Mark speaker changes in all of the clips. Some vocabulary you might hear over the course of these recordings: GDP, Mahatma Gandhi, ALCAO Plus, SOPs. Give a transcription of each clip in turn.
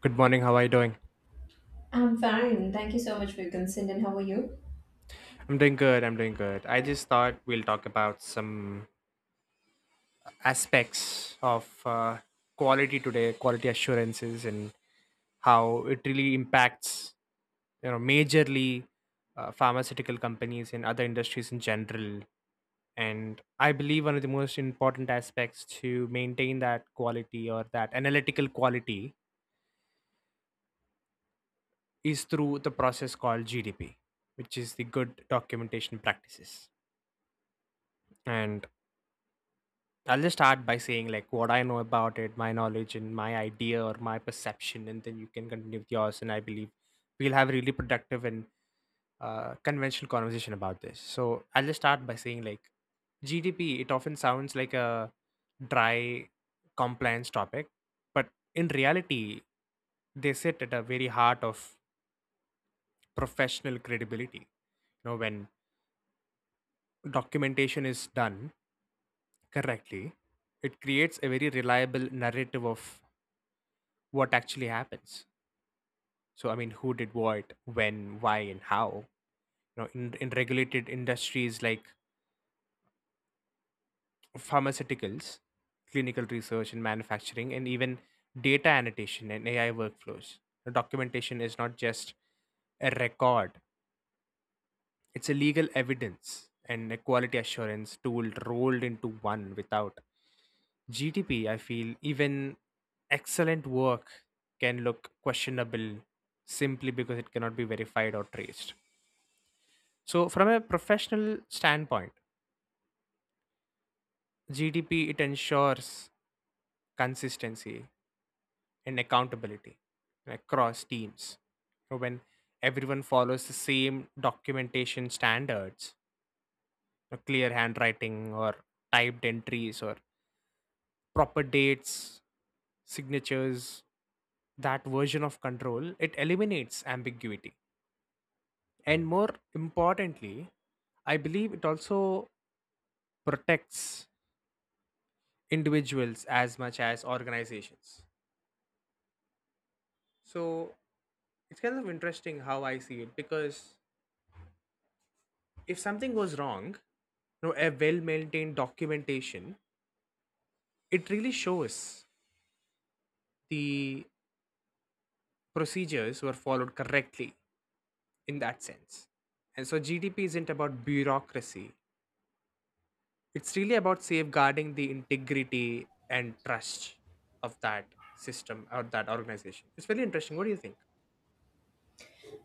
Speaker 1: Good morning. How are you doing?
Speaker 2: I'm fine. Thank you so much for your consent. And how are you?
Speaker 1: I'm doing good. I'm doing good. I just thought we'll talk about some aspects of quality today, quality assurances, and how it really impacts, you know, majorly pharmaceutical companies and other industries in general. And I believe one of the most important aspects to maintain that quality or that analytical quality is through the process called GDP, which is the good documentation practices. And I'll just start by saying like what I know about it, my knowledge and my idea or my perception, and then you can continue with yours. And I believe we'll have a really productive and conventional conversation about this. So I'll just start by saying like GDP. It often sounds like a dry compliance topic, but in reality, they sit at a very heart of professional credibility. You know, when documentation is done correctly, it creates a very reliable narrative of what actually happens. So, I mean, who did what, when, why, and how. You know, in regulated industries like pharmaceuticals, clinical research and manufacturing, and even data annotation and AI workflows. The documentation is not just a record, it's a legal evidence and a quality assurance tool rolled into one without GTP, I feel even excellent work can look questionable simply because it cannot be verified or traced. So, from a professional standpoint, GDP it ensures consistency and accountability across teams. So when everyone follows the same documentation standards, clear handwriting or typed entries or proper dates, signatures, that version of control, it eliminates ambiguity. And more importantly, I believe it also protects individuals as much as organizations. So it's kind of interesting how I see it because if something goes wrong, you know, a well maintained documentation, it really shows the procedures were followed correctly in that sense. And so GDP isn't about bureaucracy, it's really about safeguarding the integrity and trust of that system or that organization. It's very interesting. What do you think?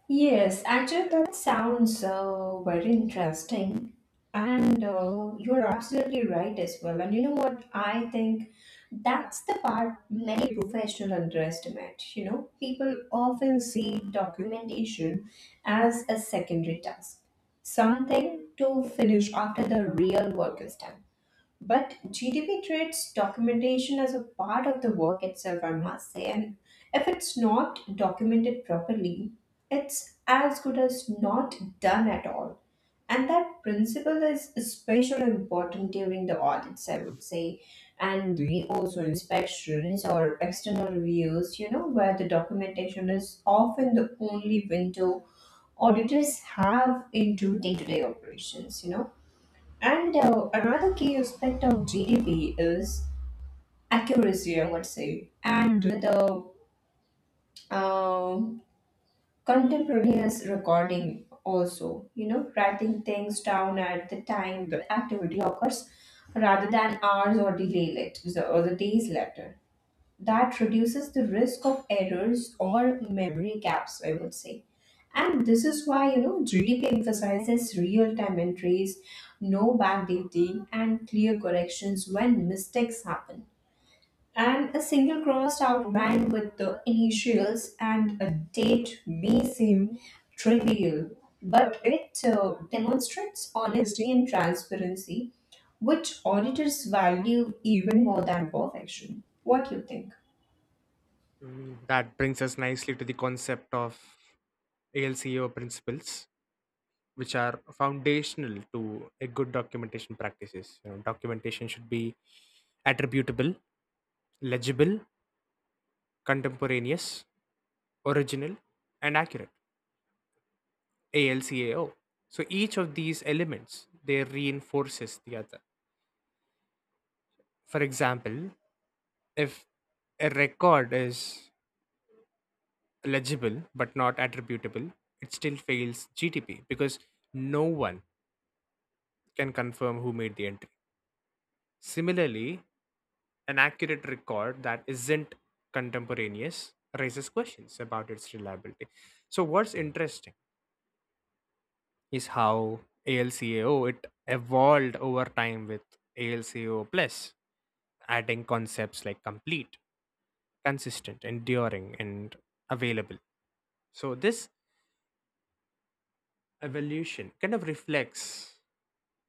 Speaker 2: Yes, actually, that sounds very interesting. And you're absolutely right as well. And you know what? I think that's the part many professionals underestimate. You know, people often see documentation as a secondary task, something to finish after the real work is done. But GDP treats documentation as a part of the work itself, I must say. And if it's not documented properly, it's as good as not done at all. And that principle is especially important during the audits, I would say, and reviews also inspections or external reviews, you know, where the documentation is often the only window auditors have into day to day operations, you know. And another key aspect of GDP is accuracy, I would say, and the um contemporaneous recording also. You know, writing things down at the time the activity occurs rather than hours or delay it, or the days later that reduces the risk of errors or memory gaps, I would say. And this is why, you know, GDP emphasizes real time entries, no backdating, and clear corrections when mistakes happen. And a single crossed out line with the initials and a date may seem trivial, but it demonstrates honesty and transparency, which auditors value even more than perfection. What do you think?
Speaker 1: Mm, that brings us nicely to the concept of ALCO principles, which are foundational to a good documentation practices. You know, documentation should be attributable, legible, contemporaneous, original, and accurate. ALCAO. So each of these elements they reinforces the other. For example, if a record is legible but not attributable, it still fails GTP because no one can confirm who made the entry. Similarly, an accurate record that isn't contemporaneous raises questions about its reliability. So, what's interesting is how ALCAO it evolved over time with ALCAO Plus, adding concepts like complete, consistent, enduring, and available. So, this evolution kind of reflects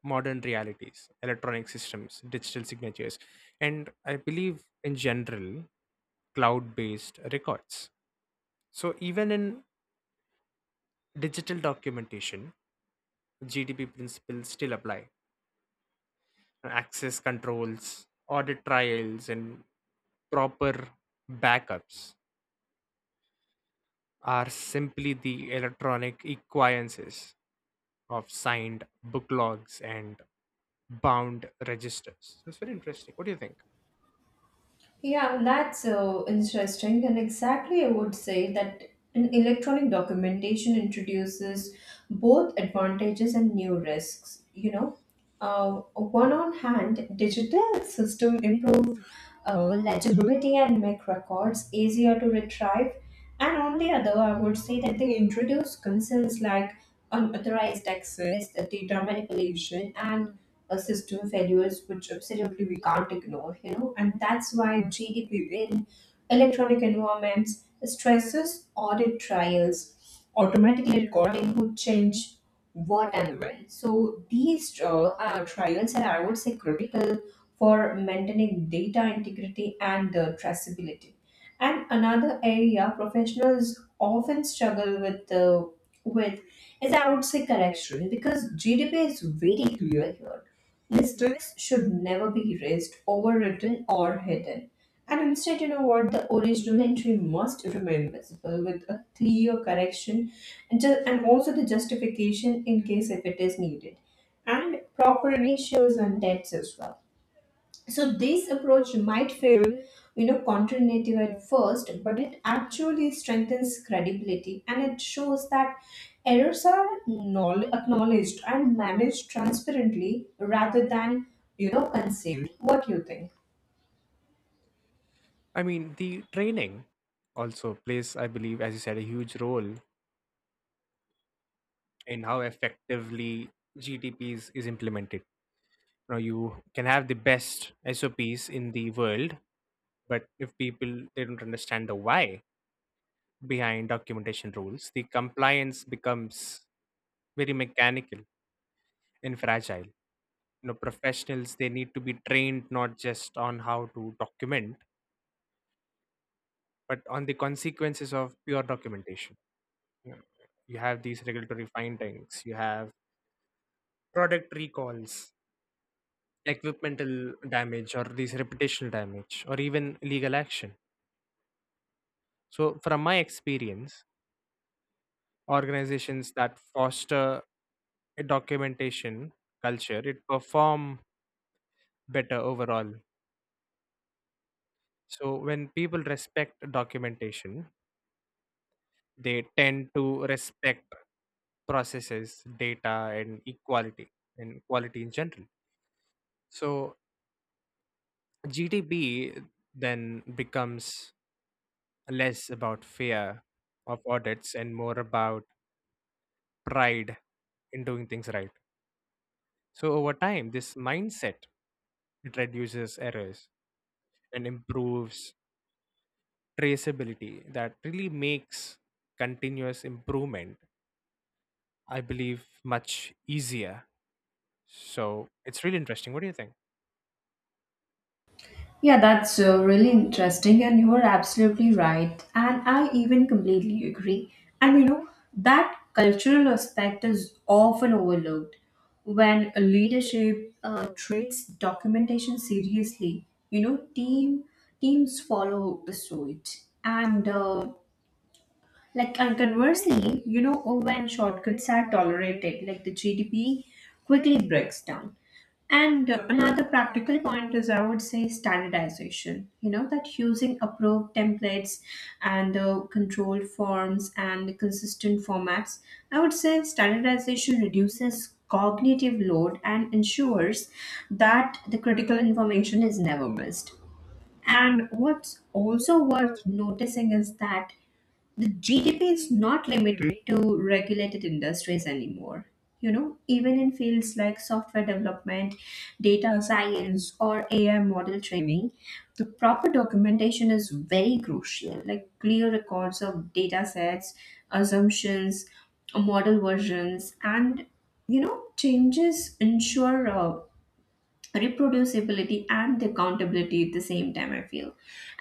Speaker 1: modern realities, electronic systems, digital signatures, and I believe in general, cloud based records. So, even in digital documentation, GDP principles still apply. Access controls, audit trials, and proper backups are simply the electronic equivalences of signed book logs and bound registers. So, it's very interesting. What do you think?
Speaker 2: Yeah, that's so interesting. And exactly, I would say that an electronic documentation introduces both advantages and new risks. You know, one on hand, digital system improve legibility and make records easier to retrieve. And on the other, I would say that they introduce concerns like unauthorized access, data manipulation, and system failures, which absolutely we can't ignore, you know. And that's why GDP in electronic environments stresses audit trials, automatically recording who change what and when. So these trials are, I would say, critical for maintaining data integrity and traceability. And another area professionals often struggle with with is I would say correction because GDP is very clear here. Mistakes should never be erased, overwritten, or hidden. And instead, you know what? The original entry must remain visible with a clear correction and, and also the justification in case if it is needed, and proper ratios and debts as well. So this approach might feel, you know, counterintuitive at first, but it actually strengthens credibility and it shows that errors are acknowledged and managed transparently rather than, you know, concealed. What do you think?
Speaker 1: I mean, the training also plays, I believe, as you said, a huge role in how effectively GDPs is implemented. Now, you can have the best SOPs in the world, but if people they don't understand the why behind documentation rules, the compliance becomes very mechanical and fragile. You know, professionals they need to be trained not just on how to document, but on the consequences of pure documentation. Yeah. You have these regulatory findings, you have product recalls, equipmental damage, or these reputational damage, or even legal action. So, from my experience, organizations that foster a documentation culture it perform better overall. So, when people respect documentation, they tend to respect processes, data, and equality and quality in general. So, GDP then becomes less about fear of audits and more about pride in doing things right. So over time, this mindset it reduces errors and improves traceability that really makes continuous improvement, I believe, much easier. So it's really interesting. What do you think?
Speaker 2: Yeah, that's really interesting, and you are absolutely right. And I even completely agree. And you know, that cultural aspect is often overlooked when a leadership treats documentation seriously. You know, teams follow the suit, and and conversely, you know, oh, when shortcuts are tolerated, like the GDP quickly breaks down. And another practical point is, I would say, standardization. You know, that using approved templates and the controlled forms and the consistent formats, I would say standardization reduces cognitive load and ensures that the critical information is never missed. And what's also worth noticing is that the GDP is not limited to regulated industries anymore. You know, even in fields like software development, data science, or AI model training, the proper documentation is very crucial. Like clear records of data sets, assumptions, model versions, and you know, changes ensure reproducibility and the accountability at the same time I feel.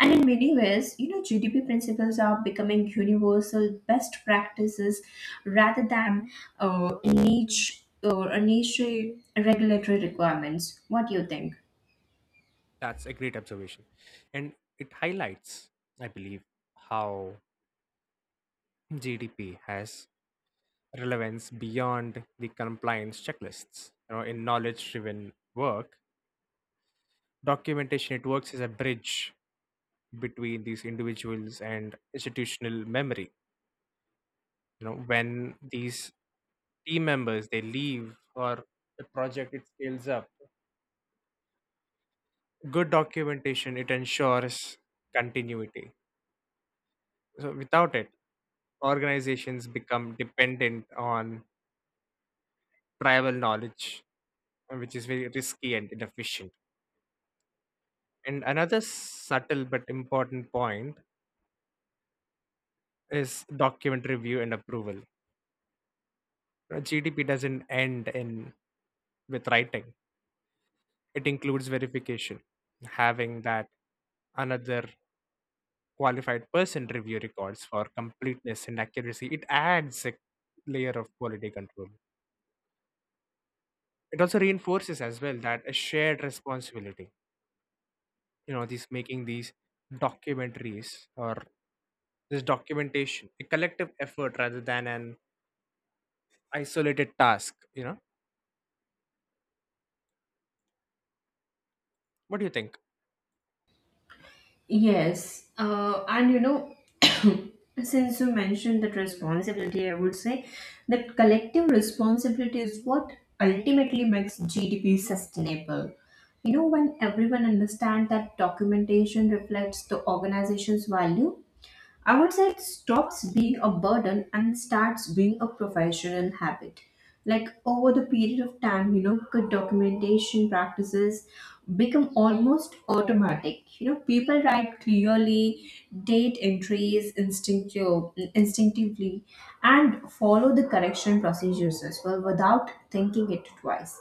Speaker 2: And in many ways, you know, GDP principles are becoming universal best practices rather than niche or a niche regulatory requirements. What do you think?
Speaker 1: That's a great observation. And it highlights, I believe, how GDP has relevance beyond the compliance checklists. You know, in knowledge-driven work, documentation it works as a bridge between these individuals and institutional memory. You know, when these team members they leave or good documentation it ensures continuity. So without it, organizations become dependent on tribal knowledge, which is very risky and inefficient. And another subtle but important point is document review and approval. GDP doesn't end in with writing. It includes verification, having that another qualified person review records for completeness and accuracy. It adds a layer of quality control. It also reinforces as well that a shared responsibility. You know, these making these documentaries or this documentation a collective effort rather than an isolated task. You know, what do you think?
Speaker 2: Yes, and you know, since you mentioned that responsibility, I would say that collective responsibility is what ultimately makes GDP sustainable. You know, when everyone understands that documentation reflects the organization's value, I would say it stops being a burden and starts being a professional habit. Like over the period of time, you know, good documentation practices become almost automatic. You know, people write clearly, date entries instinctively, and follow the correction procedures as well without thinking it twice.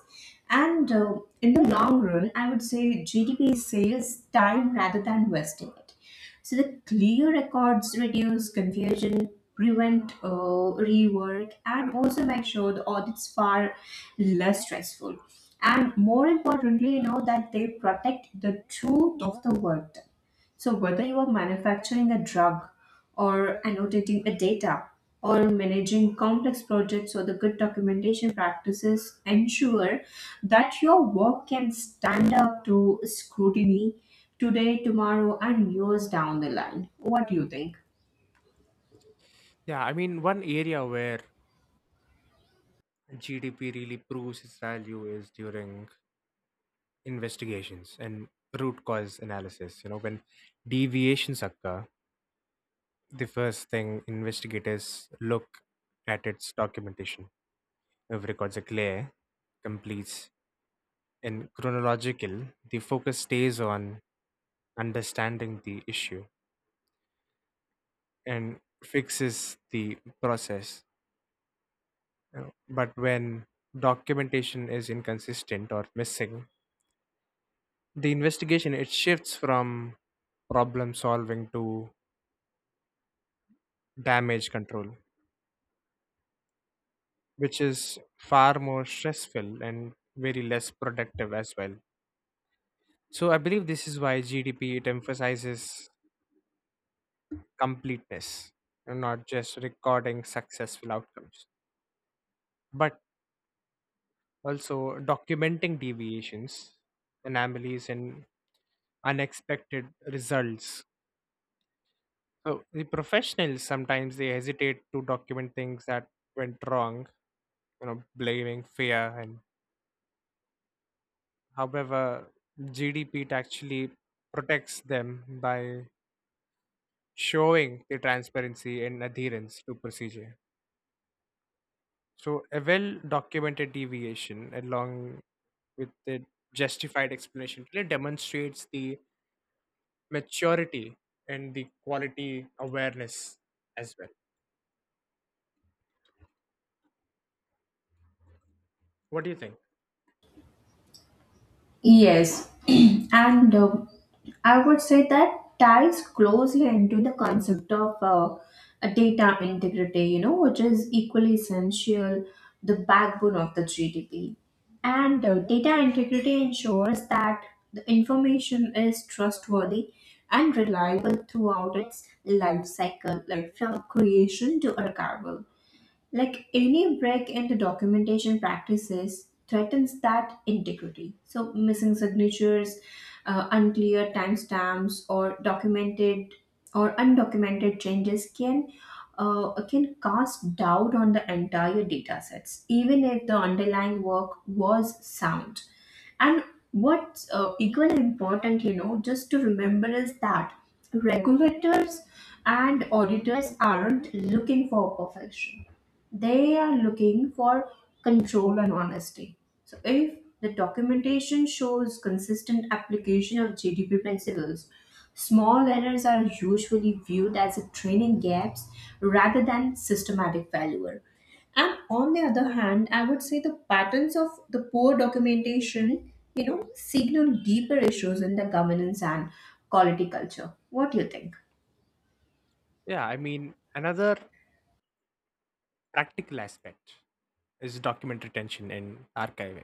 Speaker 2: And in the long run, I would say GDP saves time rather than wasting it, so the clear records reduce confusion, prevent rework, and also make sure the audits far less stressful. And more importantly, you know that they protect the truth of the work done. So, whether you are manufacturing a drug or annotating a data or managing complex projects or the good documentation practices ensure that your work can stand up to scrutiny today, tomorrow, and years down the line. What do you think?
Speaker 1: Yeah, I mean, one area where GDP really proves its value is during investigations and root cause analysis. You know, when deviations occur, the first thing investigators look at its documentation. If records are clear, complete, and chronological, the focus stays on understanding the issue and fixes the process. You know. But when documentation is inconsistent or missing, the investigation it shifts from problem solving to damage control, which is far more stressful and very less productive as well. So I believe this is why GDP it emphasizes completeness and not just recording successful outcomes, but also documenting deviations, anomalies, and unexpected results. So the professionals sometimes they hesitate to document things that went wrong, you know, blaming fear. And however, GDP actually protects them by showing the transparency and adherence to procedure. So a well documented deviation along with the justified explanation really demonstrates the maturity and the quality awareness as well. What do you think?
Speaker 2: Yes, and I would say that ties closely into the concept of a data integrity, you know, which is equally essential, the backbone of the GDP. And data integrity ensures that the information is trustworthy and reliable throughout its life cycle, like from creation to archival. Like any break in the documentation practices threatens that integrity. So, missing signatures, unclear timestamps, or documented or undocumented changes can cast doubt on the entire data sets, even if the underlying work was sound. And what's equally important, you know, just to remember is that regulators and auditors aren't looking for perfection, they are looking for control and honesty. So, if the documentation shows consistent application of GDP principles, small errors are usually viewed as a training gaps rather than systematic failure. And on the other hand, I would say the patterns of the poor documentation, you know, signal deeper issues in the governance and quality culture. What do you think?
Speaker 1: Yeah, I mean another practical aspect is document retention and archiving.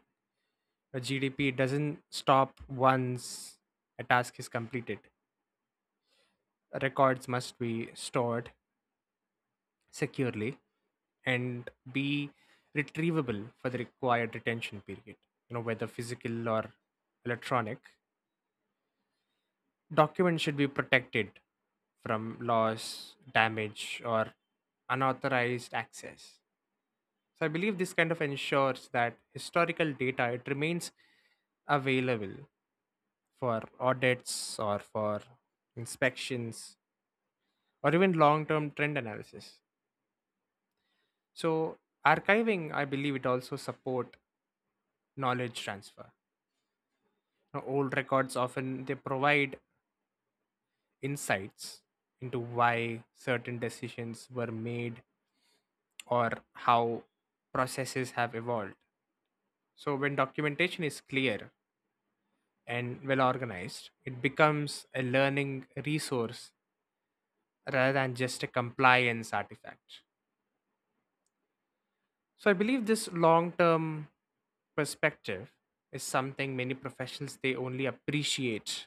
Speaker 1: A GDP doesn't stop once a task is completed. Records must be stored securely and be retrievable for the required retention period, you know, whether physical or electronic. Documents should be protected from loss, damage, or unauthorized access. So I believe this kind of ensures that historical data it remains available for audits or for inspections or even long-term trend analysis. So archiving, I believe it also support knowledge transfer. Now, old records often they provide insights into why certain decisions were made or how processes have evolved. So when documentation is clear and well organized, it becomes a learning resource rather than just a compliance artifact. So I believe this long-term perspective is something many professionals they only appreciate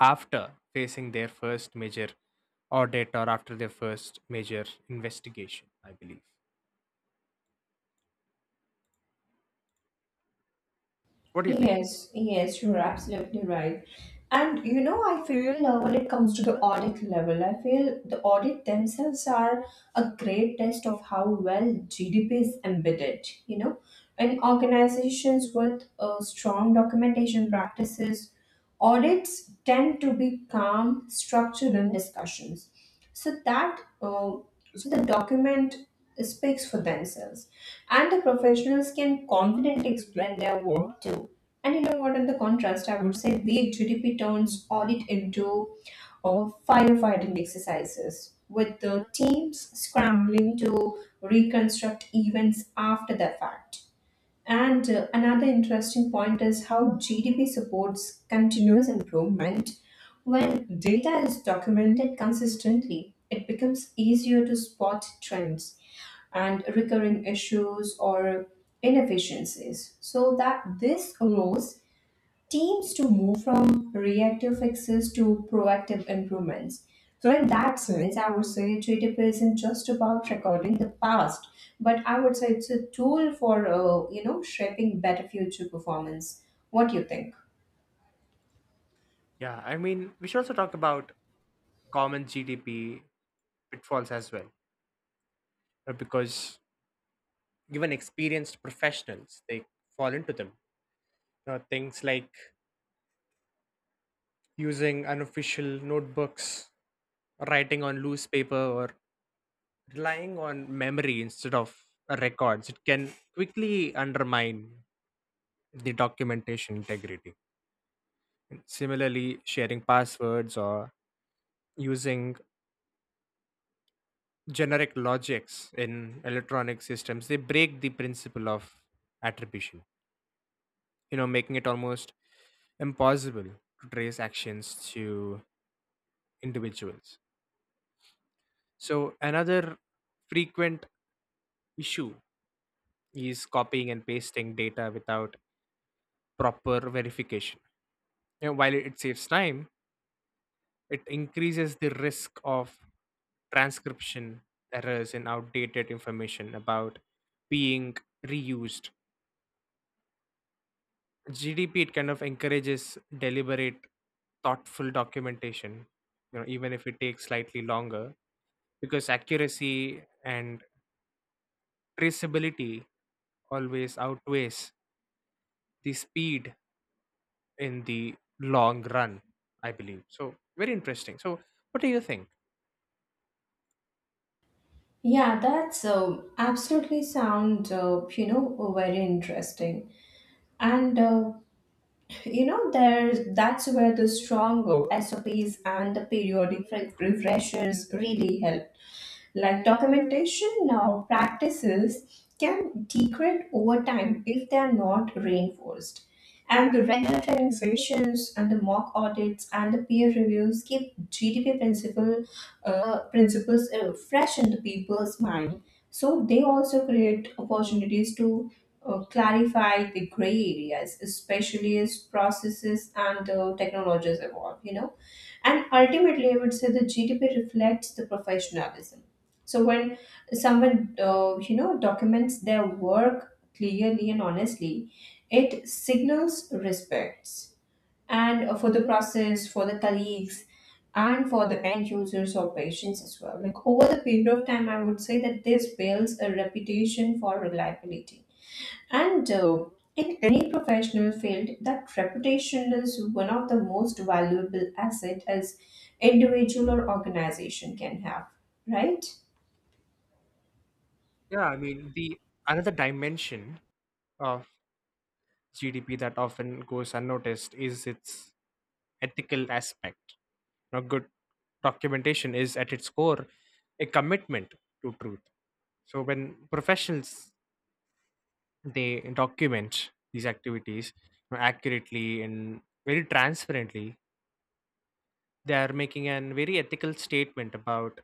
Speaker 1: after facing their first major audit or after their first major investigation, I believe. What do you think?
Speaker 2: Yes, yes, you're absolutely right. And you know, I feel when it comes to the audit level, I feel the audit themselves are a great test of how well GDP is embedded. You know, in organizations with strong documentation practices, audits tend to be calm, structured, and discussions so that so the document speaks for themselves and the professionals can confidently explain their work too. And you know what, in the contrast I would say big GDP turns audit into uh, firefighting exercises with the teams scrambling to reconstruct events after the fact. And another interesting point is how GDP supports continuous improvement. When data is documented consistently, it becomes easier to spot trends and recurring issues or inefficiencies. So that this allows teams to move from reactive fixes to proactive improvements. So, in that sense, I would say GTP isn't just about recording the past, but I would say it's a tool for you know shaping better future performance. What do you think?
Speaker 1: Yeah, I mean, we should also talk about common GDP pitfalls as well, because even experienced professionals they fall into them. Things like using unofficial notebooks, writing on loose paper, or relying on memory instead of records it can quickly undermine the documentation integrity. Similarly, sharing passwords or using generic logics in electronic systems they break the principle of attribution, you know, making it almost impossible to trace actions to individuals. So another frequent issue is copying and pasting data without proper verification. And while it saves time, it increases the risk of transcription errors and outdated information about being reused. GDP it kind of encourages deliberate, thoughtful documentation, you know, even if it takes slightly longer, because accuracy and traceability always outweighs the speed in the long run, I believe. So very interesting. So what do you think?
Speaker 2: Yeah, that's absolutely sound you know very interesting. And you know there's that's where the strong SOPs and the periodic refreshers really help. Like documentation now practices can degrade over time if they are not reinforced. And the regular training sessions and the mock audits and the peer reviews keep GDP principles fresh in the people's mind. So they also create opportunities to clarify the gray areas, especially as processes and technologies evolve. You know, and ultimately, I would say the GDP reflects the professionalism. So when someone, you know, documents their work clearly and honestly, it signals respects and for the process, for the colleagues, and for the end users or patients as well. Like over the period of time, I would say that this builds a reputation for reliability and in any professional field, that reputation is one of the most valuable asset as individual or organization can have, right?
Speaker 1: Yeah, I mean the another dimension of GDP that often goes unnoticed is its ethical aspect. Now, good documentation is at its core a commitment to truth. So when professionals they document these activities, you know, accurately and very transparently, they are making an very ethical statement about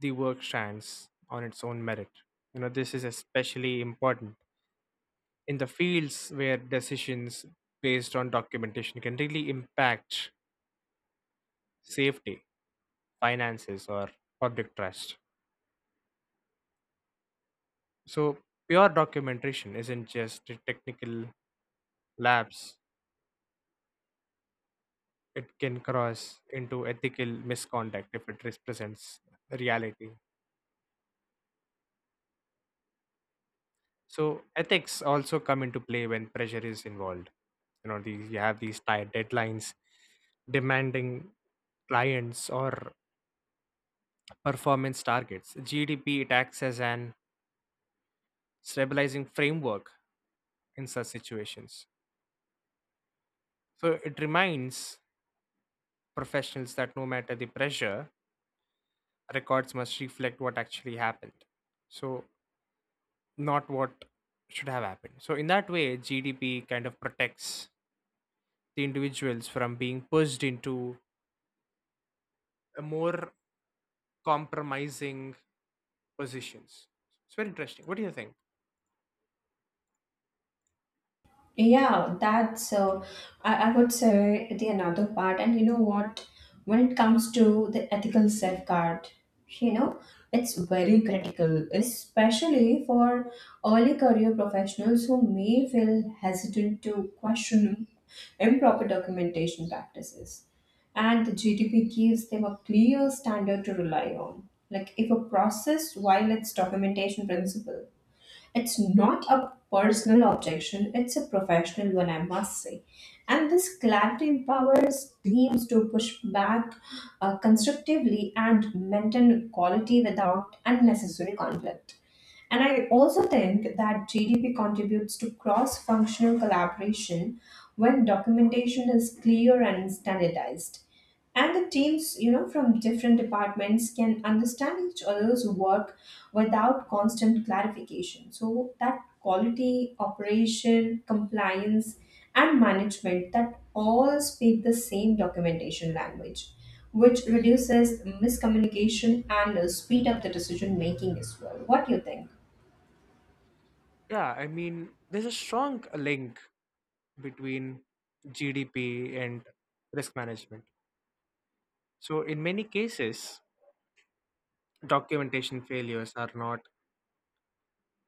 Speaker 1: the work strands on its own merit. You know, this is especially important in the fields where decisions based on documentation can really impact safety, finances, or public trust. So, pure documentation isn't just a technical lapse, it can cross into ethical misconduct if it represents reality. So, ethics also come into play when pressure is involved. You know, these, you have these tight deadlines, demanding clients, or performance targets. GDP it acts as an stabilizing framework in such situations. So it reminds professionals that no matter the pressure, records must reflect what actually happened. So, not what should have happened. So, in that way, GDP kind of protects the individuals from being pushed into a more compromising positions. It's very interesting. What do you think?
Speaker 2: Yeah, that's I would say the another part. And you know what? When it comes to the ethical safeguard, you know, it's very critical, especially for early career professionals who may feel hesitant to question improper documentation practices. And the GDP gives them a clear standard to rely on. Like if a process violates documentation principle, it's not a personal objection, it's a professional one, I must say. And this clarity empowers teams to push back constructively and maintain quality without unnecessary conflict. And I also think that GDP contributes to cross functional collaboration when documentation is clear and standardized, and the teams you know from different departments can understand each other's work without constant clarification, so that quality operation compliance and management that all speak the same documentation language, which reduces miscommunication and speed up the decision making as well. What do you think?
Speaker 1: Yeah, I mean, there's a strong link between GDP and risk management. So, in many cases, documentation failures are not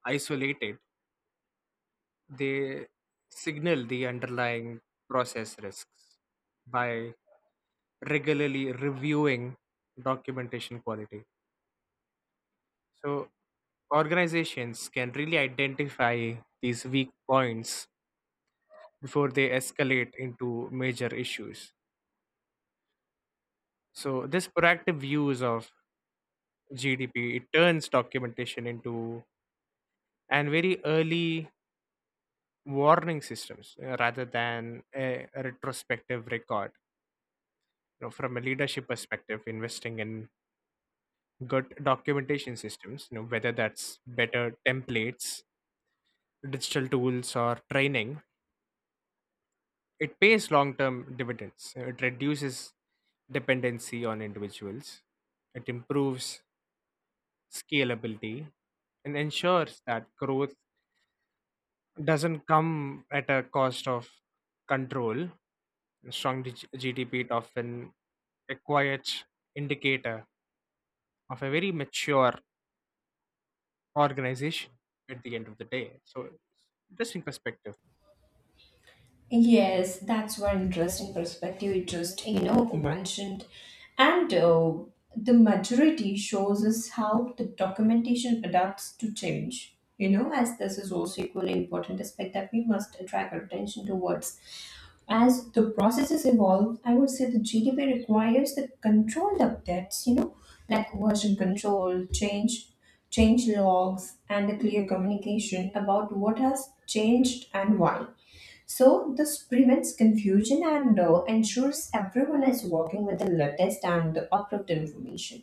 Speaker 1: isolated. They signal the underlying process risks by regularly reviewing documentation quality. So, organizations can really identify these weak points before they escalate into major issues. So, this proactive use of GDP it turns documentation into and very early warning systems, rather than a retrospective record. You know, from a leadership perspective, investing in good documentation systems, you know, whether that's better templates, digital tools, or training, it pays long term dividends. It reduces dependency on individuals, it improves scalability, and ensures that growth doesn't come at a cost of control. A strong GDP is often a quiet indicator of a very mature organization at the end of the day. So interesting perspective.
Speaker 2: Yes, that's one interesting perspective you just you know mentioned, and the majority shows us how the documentation adapts to change. You know, as this is also equally important aspect that we must attract our attention towards. As the processes evolve, I would say the GDP requires the controlled updates. You know, like change logs, and a clear communication about what has changed and why, so this prevents confusion and ensures everyone is working with the latest and the approved information.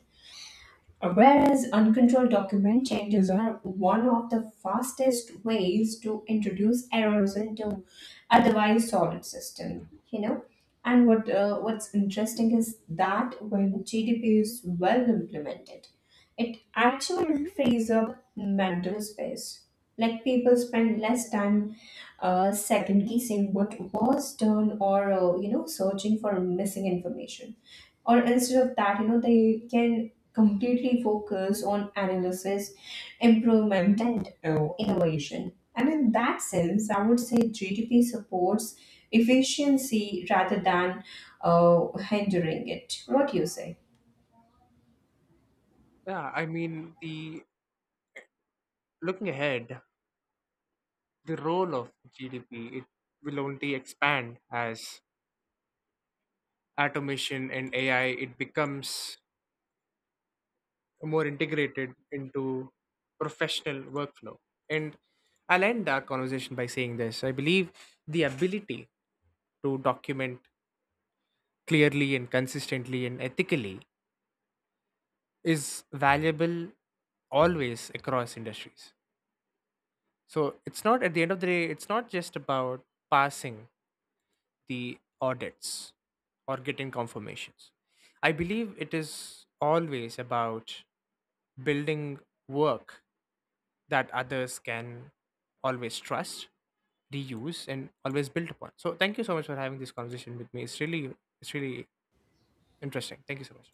Speaker 2: Whereas uncontrolled document changes are one of the fastest ways to introduce errors into otherwise solid system, you know. And what's interesting is that when GDP is well implemented, it actually frees up mental space. Like people spend less time second guessing what was done or you know searching for missing information, or instead of that, you know they can completely focus on analysis, improvement, and innovation. And in that sense, I would say GDP supports efficiency rather than hindering it. What do you say?
Speaker 1: Yeah, I mean the looking ahead, the role of GDP it will only expand as automation and AI it becomes more integrated into professional workflow. And I'll end our conversation by saying this. I believe the ability to document clearly and consistently and ethically is valuable always across industries. So it's not at the end of the day, it's not just about passing the audits or getting confirmations. I believe it is always about building work that others can always trust, reuse, and always build upon. So thank you so much for having this conversation with me. It's really, it's really interesting. Thank you so much.